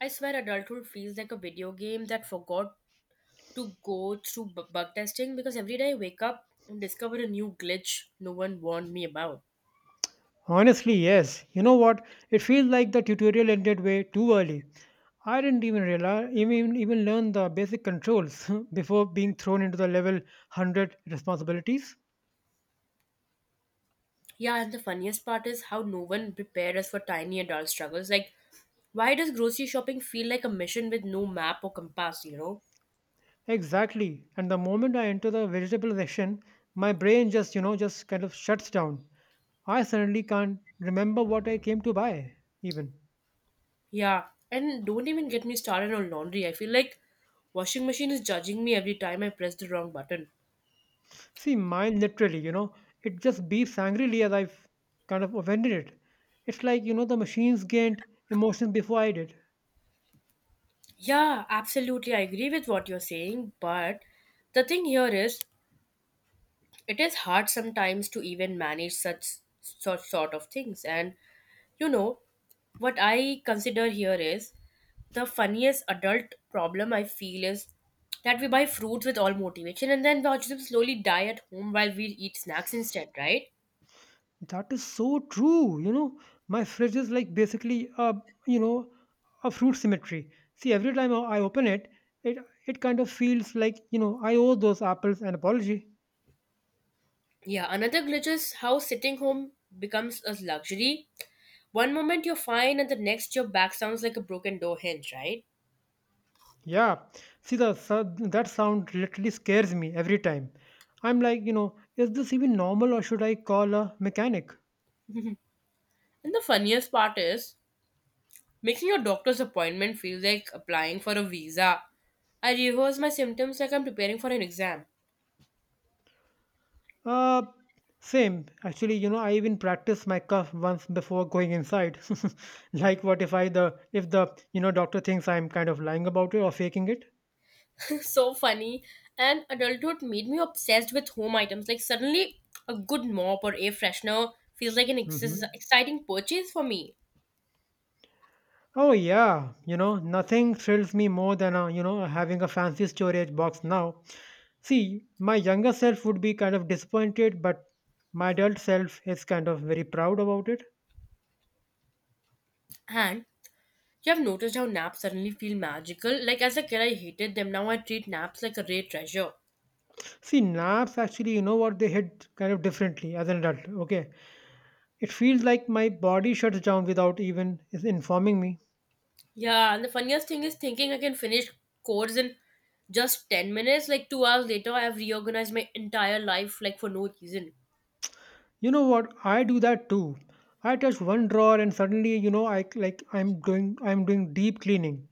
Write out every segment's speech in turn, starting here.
I swear adulthood feels like a video game that forgot to go through bug testing because every day I wake up and discover a new glitch no one warned me about. Honestly, yes. You know what? It feels like the tutorial ended way too early. I didn't even realize, even learn the basic controls before being thrown into the level 100 responsibilities. Yeah, and the funniest part is how no one prepared us for tiny adult struggles. Like, why does grocery shopping feel like a mission with no map or compass, you know? Exactly. And the moment I enter the vegetable section, my brain just kind of shuts down. I suddenly can't remember what I came to buy, even. Yeah, and don't even get me started on laundry. I feel like washing machine is judging me every time I press the wrong button. See, mine literally, it just beeps angrily as I've kind of offended it. It's like, the machines gained emotions before I did. Yeah, absolutely. I agree with what you're saying, but the thing here is it is hard sometimes to even manage such sort of things, and you know what I consider here is the funniest adult problem I feel is that we buy fruits with all motivation and then watch them slowly die at home while we eat snacks instead, right? That is so true. My fridge is like basically a you know a fruit symmetry. See, every time I open it, it it kind of feels like I owe those apples an apology. Yeah, another glitch is how sitting home becomes a luxury. One moment you're fine and the next your back sounds like a broken door hinge, right? Yeah, see that sound literally scares me every time. I'm like, is this even normal or should I call a mechanic? And the funniest part is making your doctor's appointment feel like applying for a visa. I rehearse my symptoms like I'm preparing for an exam. Uh, same. Actually, I even practiced my cough once before going inside. Like, what if I the if the doctor thinks I'm kind of lying about it or faking it? So funny. And adulthood made me obsessed with home items. Like suddenly, a good mop or air freshener feels like an Hmm. exciting purchase for me. Oh yeah, nothing thrills me more than having a fancy storage box now. See, my younger self would be kind of disappointed, but my adult self is kind of very proud about it. And you have noticed how naps suddenly feel magical. Like as a kid, I hated them. Now I treat naps like a rare treasure. See, naps actually, you know what, they hit kind of differently as an adult. Okay, it feels like my body shuts down without even is informing me. Yeah, and the funniest thing is thinking I can finish course in just 10 minutes. Like 2 hours later, I have reorganized my entire life, like for no reason. You know what? I do that too. I touch one drawer and suddenly, I'm doing deep cleaning.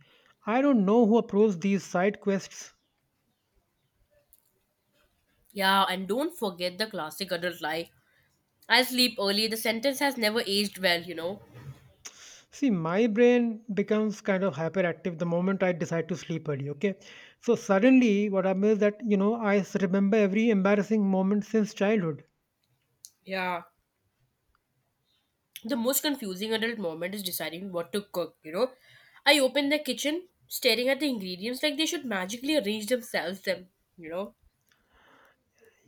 I don't know who approves these side quests. Yeah, and don't forget the classic adult lie. I sleep early. The sentence has never aged well, you know. See, my brain becomes kind of hyperactive the moment I decide to sleep early, okay? So suddenly what happens is that remember every embarrassing moment since childhood. Yeah. The most confusing adult moment is deciding what to cook, you know. I open the kitchen, staring at the ingredients like they should magically arrange themselves, them, you know.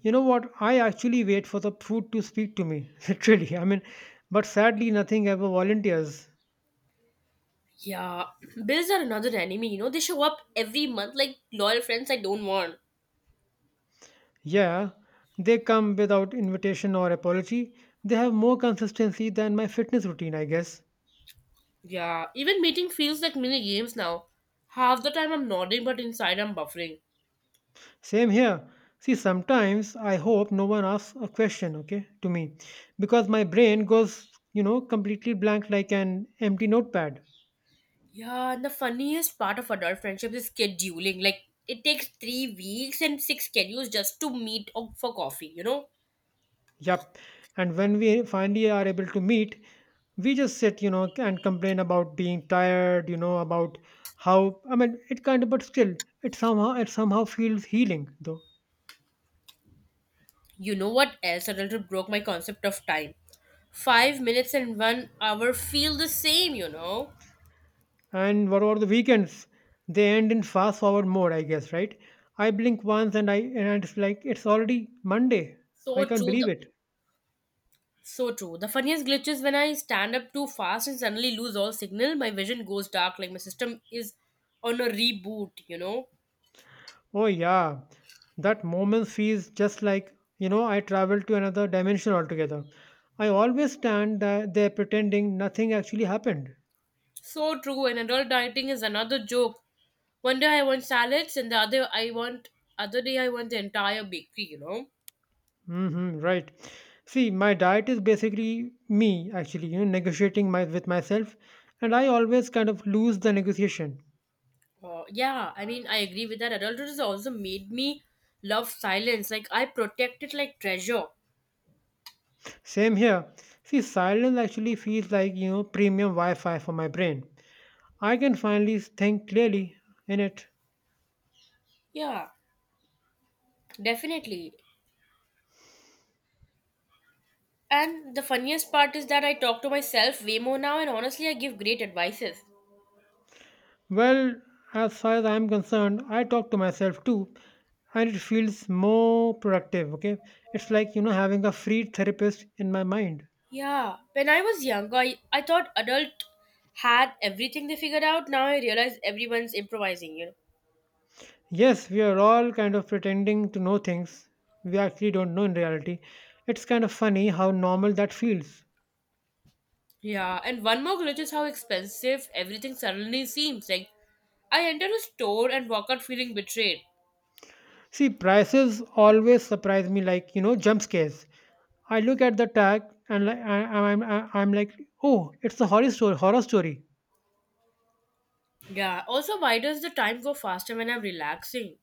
You know what? I actually wait for the food to speak to me, literally. I mean, but sadly, nothing ever volunteers. Yeah, bills are another enemy, you know. They show up every month like loyal friends I don't want. Yeah, they come without invitation or apology. They have more consistency than my fitness routine, I guess. Yeah, even meeting feels like mini games now. Half the time I'm nodding, but inside I'm buffering. Same here. See, sometimes I hope no one asks a question, okay, to me, because my brain goes, completely blank like an empty notepad. Yeah, and the funniest part of adult friendships is scheduling. Like, it takes 3 weeks and six schedules just to meet up for coffee, you know? Yup. And when we finally are able to meet, we just sit and complain about being tired, about how, I mean, it kind of, but still, it somehow feels healing, though. You know what else a little broke my concept of time? 5 minutes and one hour feel the same, you know? And what about the weekends? They end in fast forward mode, I guess, right? I blink once and it's like it's already Monday. I So can't true. believe it. So true. The funniest glitch is when I stand up too fast and suddenly lose all signal. My vision goes dark, like my system is on a reboot, you know? Oh yeah, that moment feels just like I traveled to another dimension altogether. I always stand there pretending nothing actually happened. So true, and adult dieting is another joke. One day I want salads, and the other I want other day I want the entire bakery. You know, Hmm, right. See, my diet is basically me actually, negotiating my with myself, and I always kind of lose the negotiation. Yeah. I mean, I agree with that. Adulthood has also made me love silence. Like I protect it like treasure. Same here. See, silence actually feels like, premium Wi Fi for my brain. I can finally think clearly in it. Yeah, definitely. And the funniest part is that I talk to myself way more now, and honestly, I give great advices. Well, as far as I'm concerned, I talk to myself too, and it feels more productive, okay? It's like, having a free therapist in my mind. Yeah, when I was younger, I thought adult had everything they figured out. Now I realize everyone's improvising. You know. Yes, we are all kind of pretending to know things we actually don't know in reality. It's kind of funny how normal that feels. Yeah, and one more glitch is how expensive everything suddenly seems. Like, I enter a store and walk out feeling betrayed. See, prices always surprise me like, jump scares. I look at the tag and like, I, I'm like, oh, it's a horror story. Horror story. Yeah, also, why does the time go faster when I'm relaxing?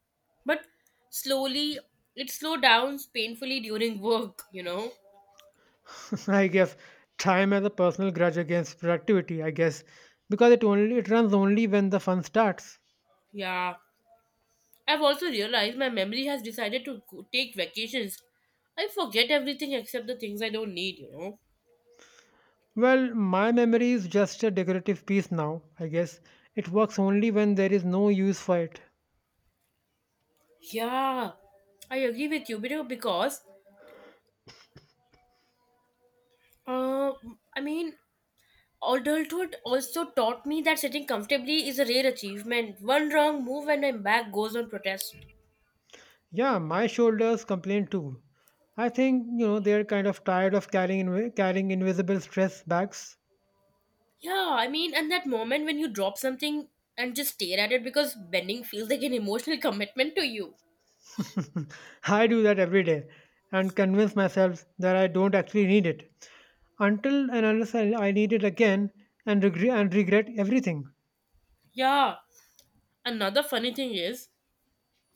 But slowly, it slow down painfully during work, you know? I guess time has a personal grudge against productivity. I guess because it runs only when the fun starts. Yeah, I've also realized my memory has decided to take vacations. I forget everything except the things I don't need, you know? Well, my memory is just a decorative piece now. I guess it works only when there is no use for it. Yeah, I agree with you, you know, because, uh, I mean, adulthood also taught me that sitting comfortably is a rare achievement. One wrong move and my back goes on protest. Yeah, my shoulders complain too. I think they're kind of tired of carrying invisible stress bags. Yeah, I mean, and that moment when you drop something and just stare at it because bending feels like an emotional commitment to you. I do that every day and convince myself that I don't actually need it until and unless I need it again and regret everything. Yeah, another funny thing is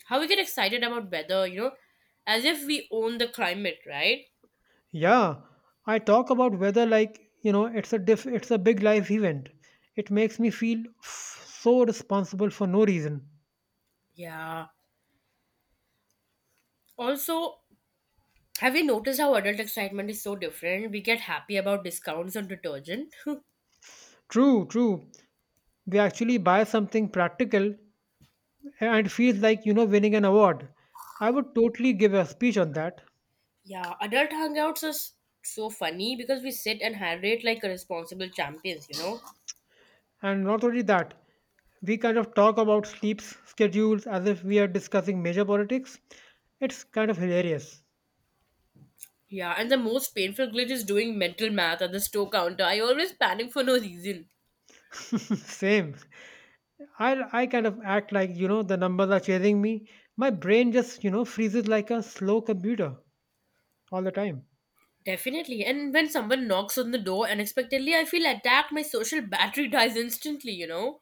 how we get excited about weather, you know, as if we own the climate, right? Yeah, I talk about whether like it's a big life event. It makes me feel so responsible for no reason. Yeah. Also, have you noticed how adult excitement is so different? We get happy about discounts on detergent. True, true. We actually buy something practical and it feels like winning an award. I would totally give a speech on that. Yeah, adult hangouts is so funny because we sit and hydrate like a responsible champions, you know? And not only that, we kind of talk about sleeps schedules as if we are discussing major politics. It's kind of hilarious. Yeah, and the most painful glitch is doing mental math at the store counter. I always panic for no reason. Same. I kind of act like the numbers are chasing me. My brain just freezes like a slow computer all the time. Definitely. And when someone knocks on the door unexpectedly, I feel attacked. My social battery dies instantly, you know?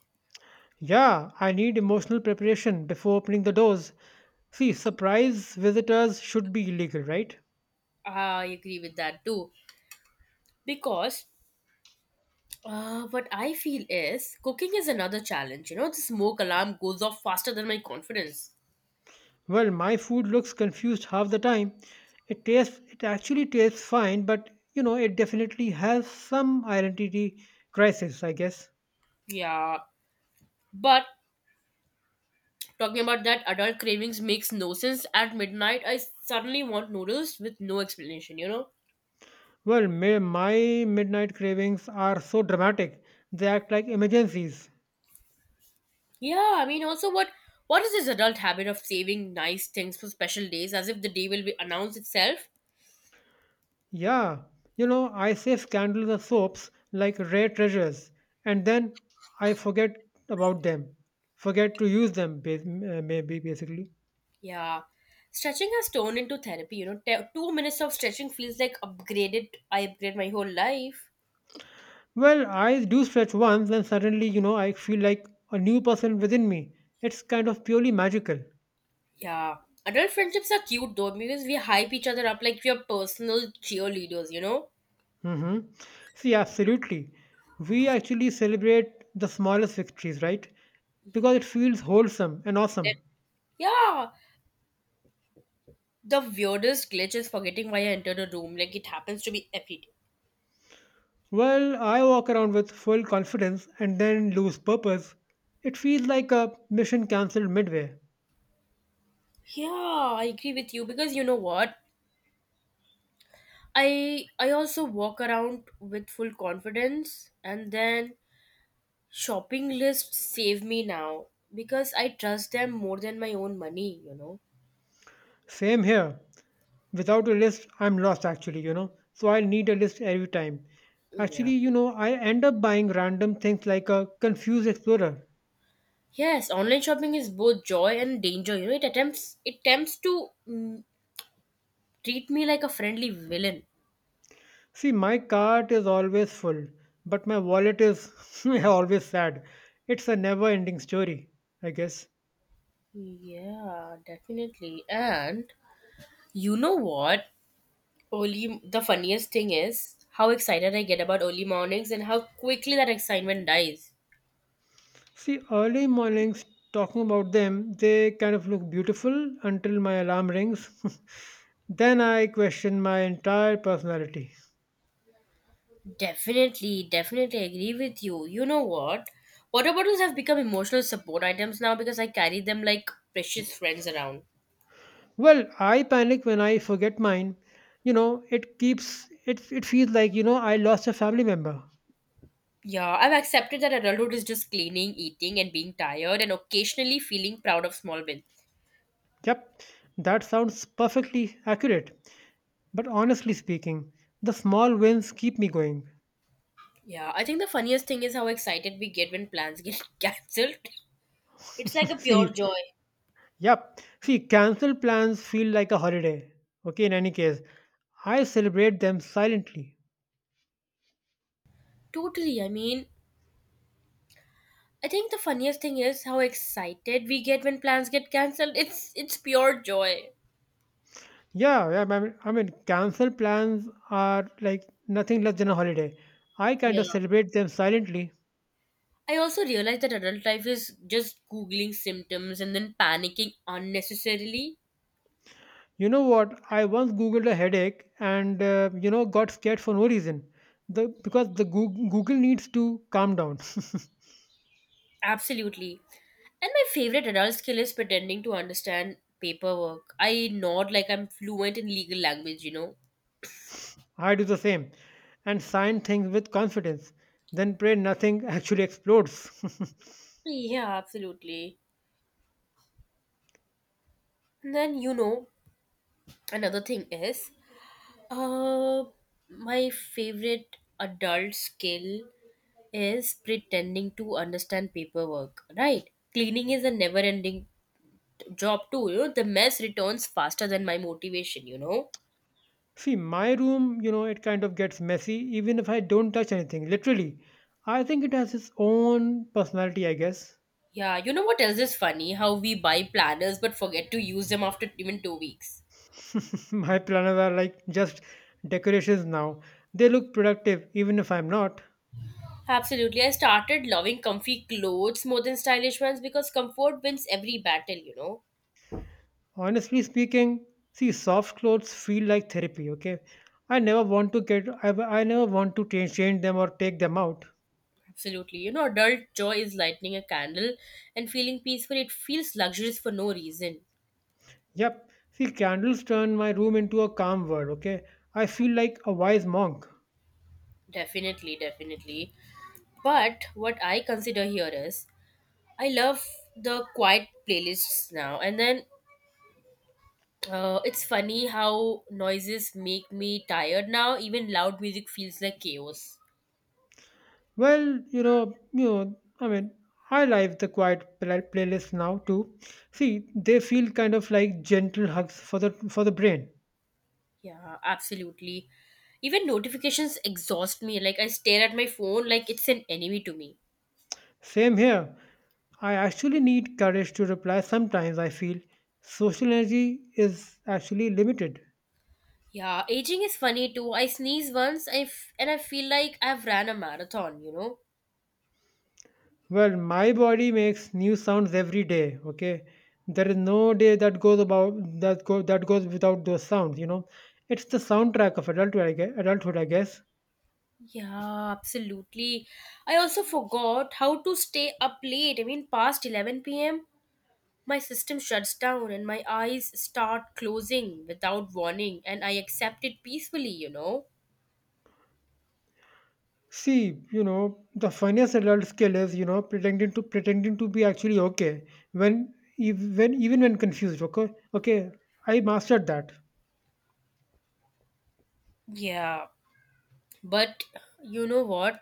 Yeah, I need emotional preparation before opening the doors. See, surprise visitors should be illegal, right? I agree with that too. Because what I feel is cooking is another challenge, you know? The smoke alarm goes off faster than my confidence. Well, my food looks confused half the time. It actually tastes fine, but it definitely has some identity crisis, I guess. Yeah, but talking about that adult cravings makes no sense. At midnight, I suddenly want noodles with no explanation, you know? Well, my midnight cravings are so dramatic. They act like emergencies. Yeah, I mean, also, what is this adult habit of saving nice things for special days as if the day will be announced itself? Yeah, I save candles or soaps like rare treasures, and then I forget about them. Forget to use them, maybe basically. Yeah. Stretching has turned into therapy, you know? 2 minutes of stretching feels like upgraded. I upgrade my whole life. Well, I do stretch once, and suddenly, I feel like a new person within me. It's kind of purely magical. Yeah. Adult friendships are cute though because we hype each other up like we are personal cheerleaders, you know? Hmm. See, absolutely. We actually celebrate the smallest victories, right? Because it feels wholesome and awesome. That- yeah. The weirdest glitch is forgetting why I entered a room. Like it happens to be every day. Well, I walk around with full confidence and then lose purpose. It feels like a mission cancelled midway. Yeah, I agree with you because you know what? I also walk around with full confidence, and then shopping lists save me now because I trust them more than my own money, you know. Same here. Without a list, I'm lost actually, you know. So I need a list every time. Actually, Yeah. I end up buying random things like a confused explorer. Yes, online shopping is both joy and danger. You know, it attempts to treat me like a friendly villain. See, my cart is always full, but my wallet is always sad. It's a never ending story, I guess. Yeah, definitely. And you know what? Early, the funniest thing is how excited I get about early mornings and how quickly that excitement dies. See, early mornings, talking about them, they kind of look beautiful until my alarm rings. Then I question my entire personality. Definitely, definitely agree with you. You know what? Water bottles have become emotional support items now because I carry them like precious friends around. Well, I panic when I forget mine. You know, it keeps it it feels like, I lost a family member. Yeah, I've accepted that adulthood is just cleaning, eating, and being tired, and occasionally feeling proud of small wins. Yep. That sounds perfectly accurate. But honestly speaking, the small wins keep me going. Yeah, I think the funniest thing is how excited we get when plans get cancelled. It's like a pure See, joy. yep. See, cancel plans feel like a holiday. Okay, in any case, I celebrate them silently. Totally, I mean, I think the funniest thing is how excited we get when plans get cancelled. It's pure joy. Yeah, yeah, cancel plans are like nothing less than a holiday. I kind Yeah. of celebrate them silently. I also realize that adult life is just googling symptoms and then panicking unnecessarily. You know what? I once googled a headache and got scared for no reason. The because the Goog- Google needs to calm down. Absolutely. And my favorite adult skill is pretending to understand paperwork. I nod like I'm fluent in legal language, you know. I do the same and sign things with confidence. Then pray nothing actually explodes. Yeah, absolutely. And then you know, another thing is Uh, my favorite adult skill is pretending to understand paperwork, right? Cleaning is a never ending job, too. You know, the mess returns faster than my motivation, you know? See, my room, it kind of gets messy even if I don't touch anything. Literally, I think it has its own personality. I guess Yeah, you know what else is funny? How we buy planners but forget to use them after even 2 weeks. my planners are like just decorations now. They look productive even if I'm not. Absolutely. I started loving comfy clothes more than stylish ones because comfort wins every battle, you know? Honestly speaking, see, soft clothes feel like therapy, okay, I never want to I never want to change them or take them out. Absolutely. You know, adult joy is lighting a candle and feeling peaceful. It feels luxurious for no reason. Yep, see, candles turn my room into a calm world, okay, I feel like a wise monk. Definitely, definitely. But what I consider here is I love the quiet playlists now. And then it's funny how noises make me tired now. Even loud music feels like chaos. Well, I like the playlist now too. See, they feel kind of like gentle hugs for the brain. Yeah, absolutely. Even notifications exhaust me. Like I stare at my phone like it's an enemy to me. Same here. I actually need courage to reply sometimes, I feel. Social energy is actually limited. Yeah, aging is funny too. I sneeze once, and I feel like I've ran a marathon, you know? Well, my body makes new sounds every day, okay? There is no day that goes about that goes without those sounds, you know. It's the soundtrack of adulthood, I guess. Yeah, absolutely. I also forgot how to stay up late. I mean, past 11 p.m., my system shuts down and my eyes start closing without warning, and I accept it peacefully, you know? See, the funniest adult skill is, pretending to be actually okay when ev- when even when confused, okay? Okay, I mastered that. Yeah, but you know what?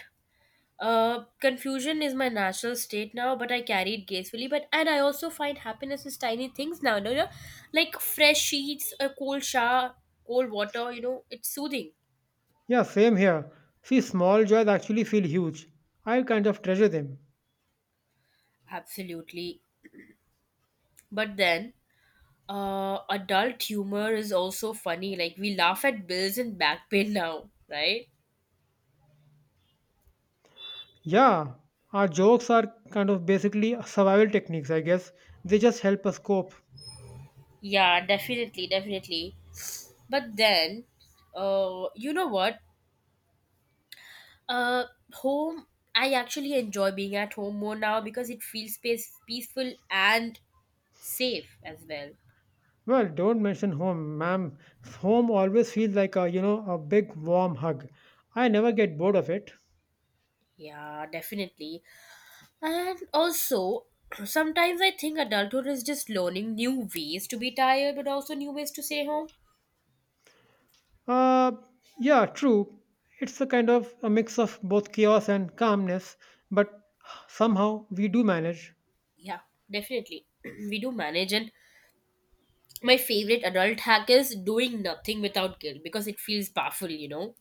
Confusion is my natural state now, but I carry it gracefully. But and I also find happiness is tiny things now, you know, like fresh sheets, a cold shower, cold water. You know, it's soothing. Yeah, same here. See, small joys actually feel huge. I kind of treasure them. Absolutely. But then, adult humor is also funny. Like we laugh at bills and back pain now, right? Yeah, our jokes are kind of basically survival techniques, I guess. They just help us cope. Yeah, definitely, definitely. But then, you know what? Uh, Home. I actually enjoy being at home more now because it feels space peaceful and safe as well. Well, don't mention home, ma'am. Home always feels like a, a big warm hug. I never get bored of it. Yeah, definitely. And also, sometimes I think adulthood is just learning new ways to be tired, but also new ways to stay home. Uh, yeah, true. It's a kind of a mix of both chaos and calmness, but somehow we do manage. Yeah, definitely. We do manage, and my favorite adult hack is doing nothing without guilt because it feels powerful, you know.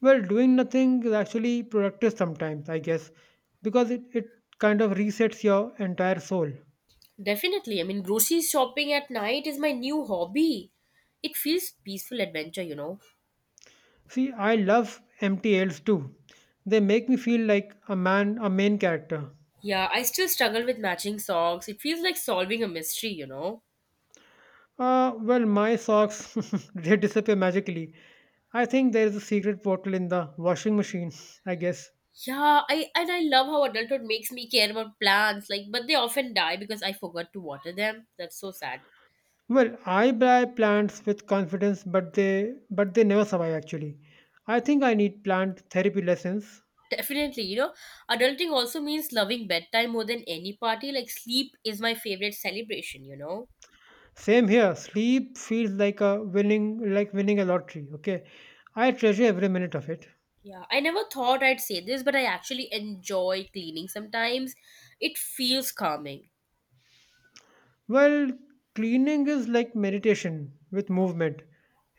Well, doing nothing is actually productive sometimes, I guess, because it kind of resets your entire soul. Definitely. I mean, grocery shopping at night is my new hobby. It feels peaceful adventure, you know. See, I love empty MTLs too. They make me feel like a main character. Yeah, I still struggle with matching socks. It feels like solving a mystery, you know. Well, my socks, they disappear magically. I think there is a secret portal in the washing machine, I guess. Yeah, I and I love how adulthood makes me care about plants, like but they often die because I forgot to water them. That's so sad. Well, I buy plants with confidence, but they never survive actually. I think I need plant therapy lessons. Definitely, you know, adulting also means loving bedtime more than any party. Like sleep is my favorite celebration, you know. Same here. Sleep feels like winning a lottery. Okay, I treasure every minute of it. Yeah, I never thought I'd say this, but I actually enjoy cleaning sometimes. It feels calming. Well, cleaning is like meditation with movement.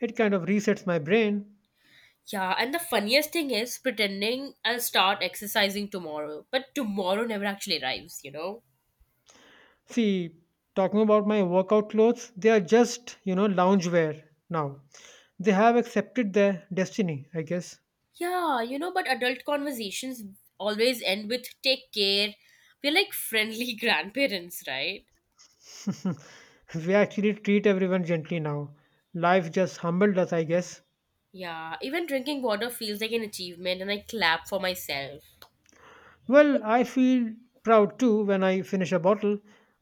It kind of resets my brain. Yeah, and the funniest thing is pretending I'll start exercising tomorrow, but tomorrow never actually arrives, you know? See, talking about my workout clothes, they are just loungewear now. They have accepted their destiny, I guess. Yeah, you know, but adult conversations always end with take care. We're like friendly grandparents, right? We actually treat everyone gently now. Life just humbled us, I guess. Yeah, even drinking water feels like an achievement and I clap for myself. Well, I feel proud too when I finish a bottle.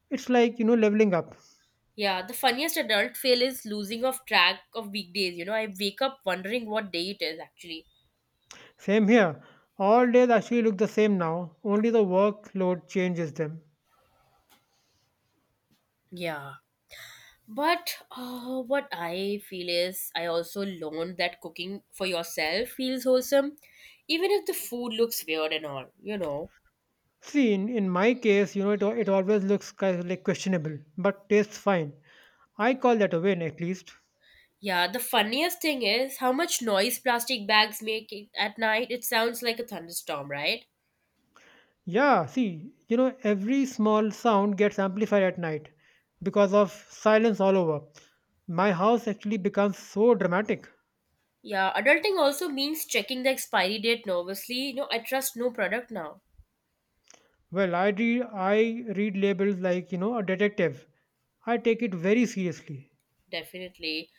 It's like, leveling up. Yeah, the funniest adult fail is losing of track of weekdays, you know? I wake up wondering what day it is actually. Same here. All days actually look the same now, only the workload changes them. Yeah. But what I feel is, I also learned that cooking for yourself feels wholesome, even if the food looks weird and all, you know. See, in my case, it always looks kind of like questionable, but tastes fine. I call that a win at least. Yeah, the funniest thing is how much noise plastic bags make it at night. It sounds like a thunderstorm, right? Yeah, see, every small sound gets amplified at night because of silence all over. My house actually becomes so dramatic. Yeah, adulting also means checking the expiry date nervously. No, I trust no product now, Well, I read labels like, a detective. I take it very seriously. definitely.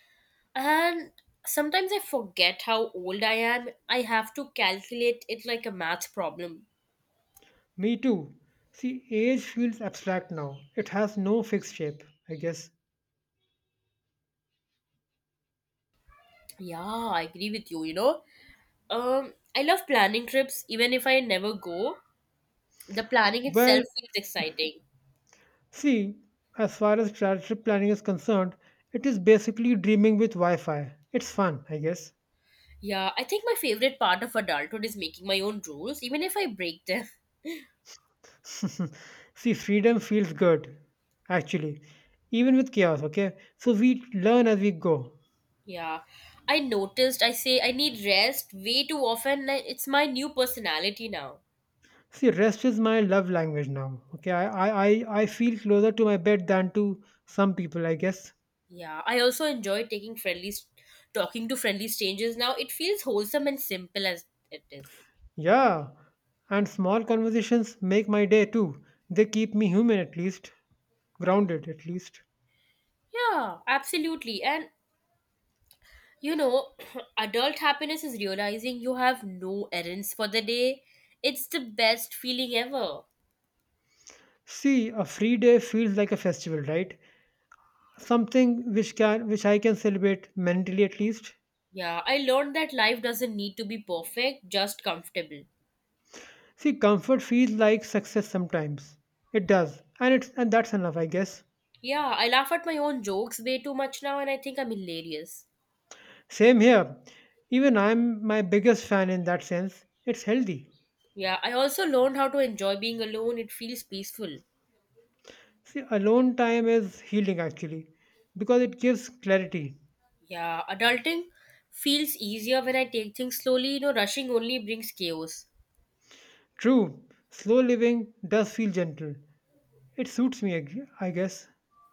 And sometimes I forget how old I am. I have to calculate it like a math problem. Me too. See, age feels abstract now. It has no fixed shape, I guess. Yeah, I agree with you. You know, I love planning trips even if I never go. The planning itself Well, feels exciting. see, as far as trip planning is concerned, it is basically dreaming with Wi Fi. It's fun, I guess. Yeah, I think my favorite part of adulthood is making my own rules, even if I break them. See, freedom feels good, actually, even with chaos, okay? So we learn as we go. Yeah, I noticed I say I need rest way too often. And It's my new personality now. See, rest is my love language now, okay? I feel closer to my bed than to some people, I guess. Yeah, I also enjoy taking talking to friendly strangers now. It feels wholesome and simple as it is. Yeah, and small conversations make my day too. They keep me human at least, grounded at least. Yeah, absolutely. And, you know, adult happiness is realizing you have no errands for the day. It's the best feeling ever. See, a free day feels like a festival, right? Something which I can celebrate mentally at least. Yeah, I learned that life doesn't need to be perfect, just comfortable. See, comfort feels like success sometimes. It does. And that's enough, I guess. Yeah, I laugh at my own jokes way too much now and I think I'm hilarious. Same here. Even I'm my biggest fan in that sense. It's healthy. Yeah, I also learned how to enjoy being alone. It feels peaceful. See, alone time is healing actually because it gives clarity. Yeah, adulting feels easier when I take things slowly. You know, rushing only brings chaos. True, slow living does feel gentle. It suits me, I guess.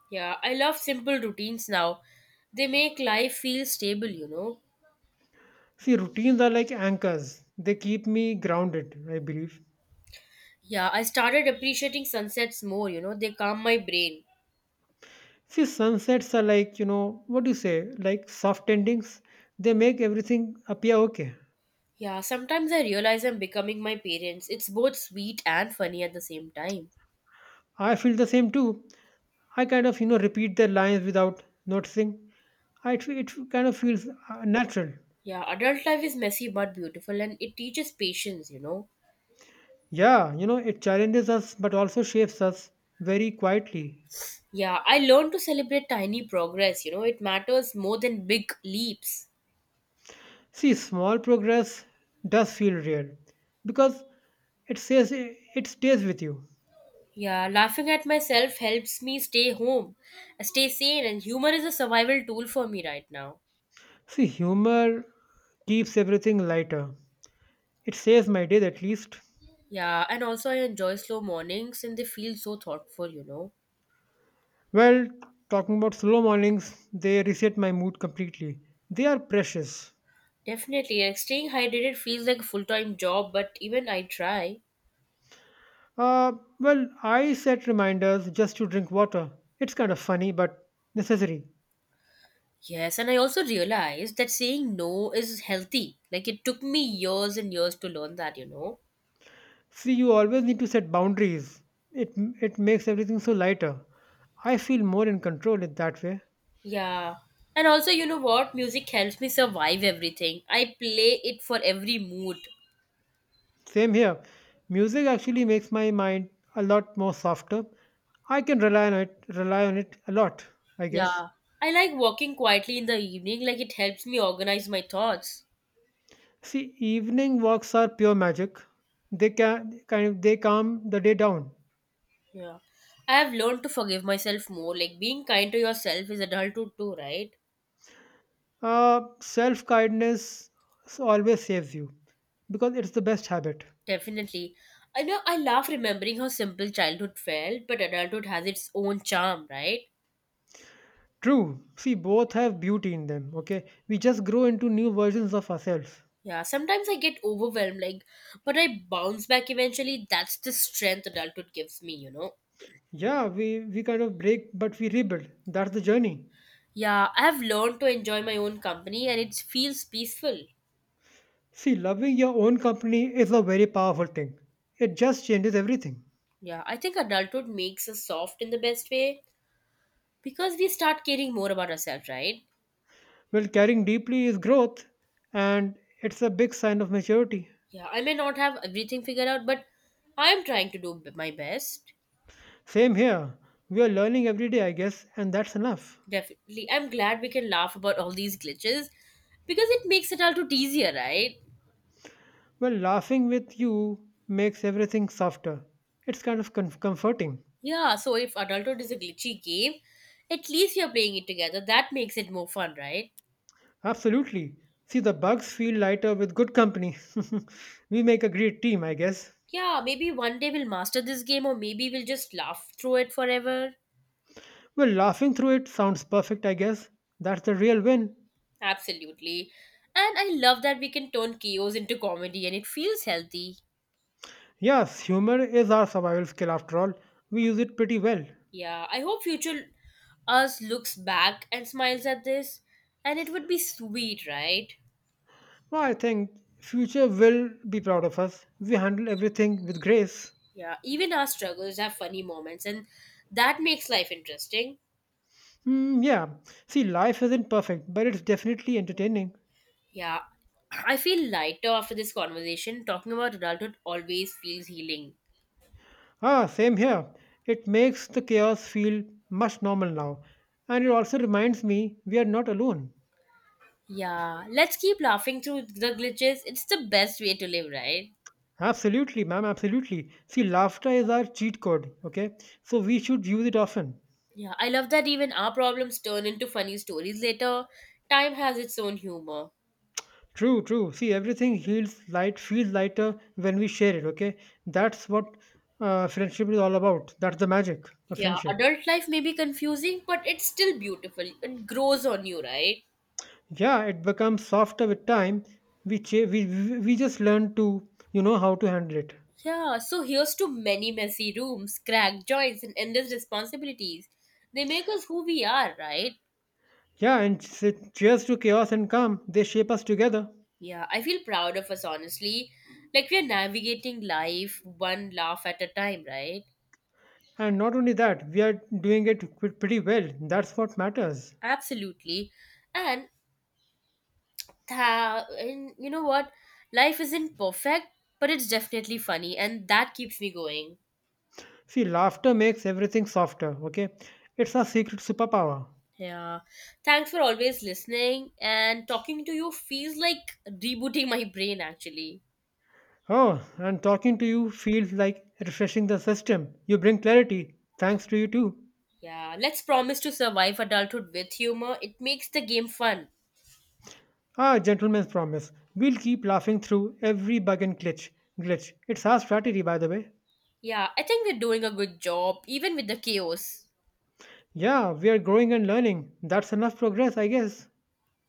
Yeah, I love simple routines now. They make life feel stable, you know. See, routines are like anchors, they keep me grounded, I believe. Yeah, I started appreciating sunsets more, you know, they calm my brain. See, sunsets are like, what do you say, like soft endings. They make everything appear okay. Yeah, sometimes I realize I'm becoming my parents. It's both sweet and funny at the same time. I feel the same too. I kind of, repeat their lines without noticing. It kind of feels natural. Yeah, adult life is messy but beautiful and it teaches patience, you know. Yeah, it challenges us but also shapes us very quietly. Yeah, I learned to celebrate tiny progress, you know, it matters more than big leaps. See, small progress does feel real because it stays with you. Yeah, laughing at myself helps me stay home, stay sane, and humor is a survival tool for me right now. See, humor keeps everything lighter. It saves my day at least. Yeah, and also I enjoy slow mornings and they feel so thoughtful, you know. Well, talking about slow mornings, they reset my mood completely. They are precious. Definitely, like staying hydrated feels like a full time job, but even I try. Uh, well, I set reminders just to drink water. It's kind of funny, but necessary. Yes, and I also realized that saying no is healthy. Like it took me years and years to learn that, you know. See, you always need to set boundaries. It it makes everything so lighter. I feel more in control in that way. Yeah. And also, you know what? Music helps me survive everything. I play it for every mood. Same here. Music actually makes my mind a lot more softer. I can rely on it a lot, I guess. Yeah. I like walking quietly in the evening, like it helps me organize my thoughts. See, evening walks are pure magic. They can kind of They calm the day down. Yeah. I have learned to forgive myself more. Like being kind to yourself is adulthood too, right? Self kindness always saves you because it's the best habit. Definitely. I know I laugh remembering how simple childhood felt, but adulthood has its own charm, right? True. See, both have beauty in them. Okay, we just grow into new versions of ourselves. Yeah, sometimes I get overwhelmed, like, but I bounce back eventually. That's the strength adulthood gives me, you know? Yeah, we kind of break, but we rebuild. That's the journey. Yeah, I have learned to enjoy my own company and it feels peaceful. See, loving your own company is a very powerful thing. It just changes everything. Yeah, I think adulthood makes us soft in the best way because we start caring more about ourselves, right? Well, caring deeply is growth, and it's a big sign of maturity. Yeah, I may not have everything figured out, but I am trying to my best. Same here. We are learning every day, I guess, and that's enough. Definitely. I'm glad we can laugh about all these glitches because it makes adulthood easier, right? Well, laughing with you makes everything softer. It's kind of comforting. Yeah, so if adulthood is a glitchy game, at least you're playing it together. That makes it more fun, right? Absolutely. See, the bugs feel lighter with good company. We make a great team, I guess. Yeah, maybe one day we'll master this game or maybe we'll just laugh through it forever. Well, laughing through it sounds perfect, I guess. That's the real win. Absolutely. And I love that we can turn chaos into comedy and it feels healthy. Yes, humor is our survival skill after all. We use it pretty well. Yeah, I hope future us looks back and smiles at this and it would be sweet, right? Well, I think future will be proud of us. We handle everything with grace. Yeah, even our struggles have funny moments, and that makes life interesting. Hmm, yeah. See, life isn't perfect, but it's definitely entertaining. Yeah, I feel lighter after this conversation. Talking about adulthood always feels healing. Ah, same here. It makes the chaos feel much normal now. And it also reminds me we are not alone. Yeah, let's keep laughing through the glitches. It's the best way to live, right? Absolutely, ma'am, absolutely. See, laughter is our cheat code, okay? So we should use it often. Yeah, I love that even our problems turn into funny stories later. Time has its own humor. True, true. See, everything feels feels lighter when we share it. Okay, that's what friendship is all about. That's the magic of Yeah, friendship. adult life may be confusing, but it's still beautiful. It grows on you, right? Yeah, it becomes softer with time. We che- we just learn to how to handle it. Yeah, so here's to many messy rooms, cracked joints, and endless responsibilities. They make us who we are, right? Yeah, and cheers to chaos and calm. They shape us together. Yeah, I feel proud of us, honestly. Like we're navigating life one laugh at a time, right? And not only that, we are doing it pretty well. That's what matters. Absolutely. And, and you know what? Life isn't perfect, but it's definitely funny, and that keeps me going. See, laughter makes everything softer. Okay, it's our secret superpower. Yeah. Thanks for always listening, and talking to you feels like rebooting my brain, actually. Oh, and talking to you feels like refreshing the system. You bring clarity. Thanks to you too. Yeah, let's promise to survive adulthood with humor. It makes the game fun. Ah, gentleman's promise. We'll keep laughing through every bug and glitch. It's our strategy, by the way. Yeah, I think we're doing a good job, even with the chaos. Yeah, we are growing and learning. That's enough progress, I guess.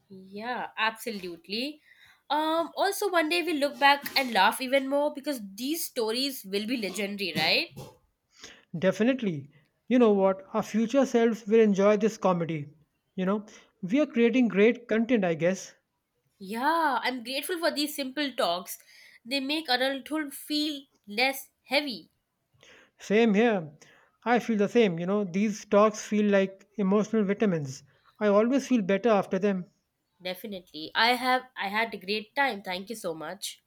Yeah, absolutely. Also, one day we look back and laugh even more because these stories will be legendary, right? Definitely. You know what? Our future selves will enjoy this comedy. You know, we are creating great content, I guess. Yeah, I'm grateful for these simple talks. They make adulthood feel less heavy. Same here. I feel the same. You know, these talks feel like emotional vitamins. I always feel better after them. Definitely. I had a great time. Thank you so much.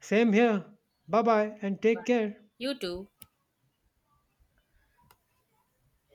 Same here. Bye bye and take care. You too.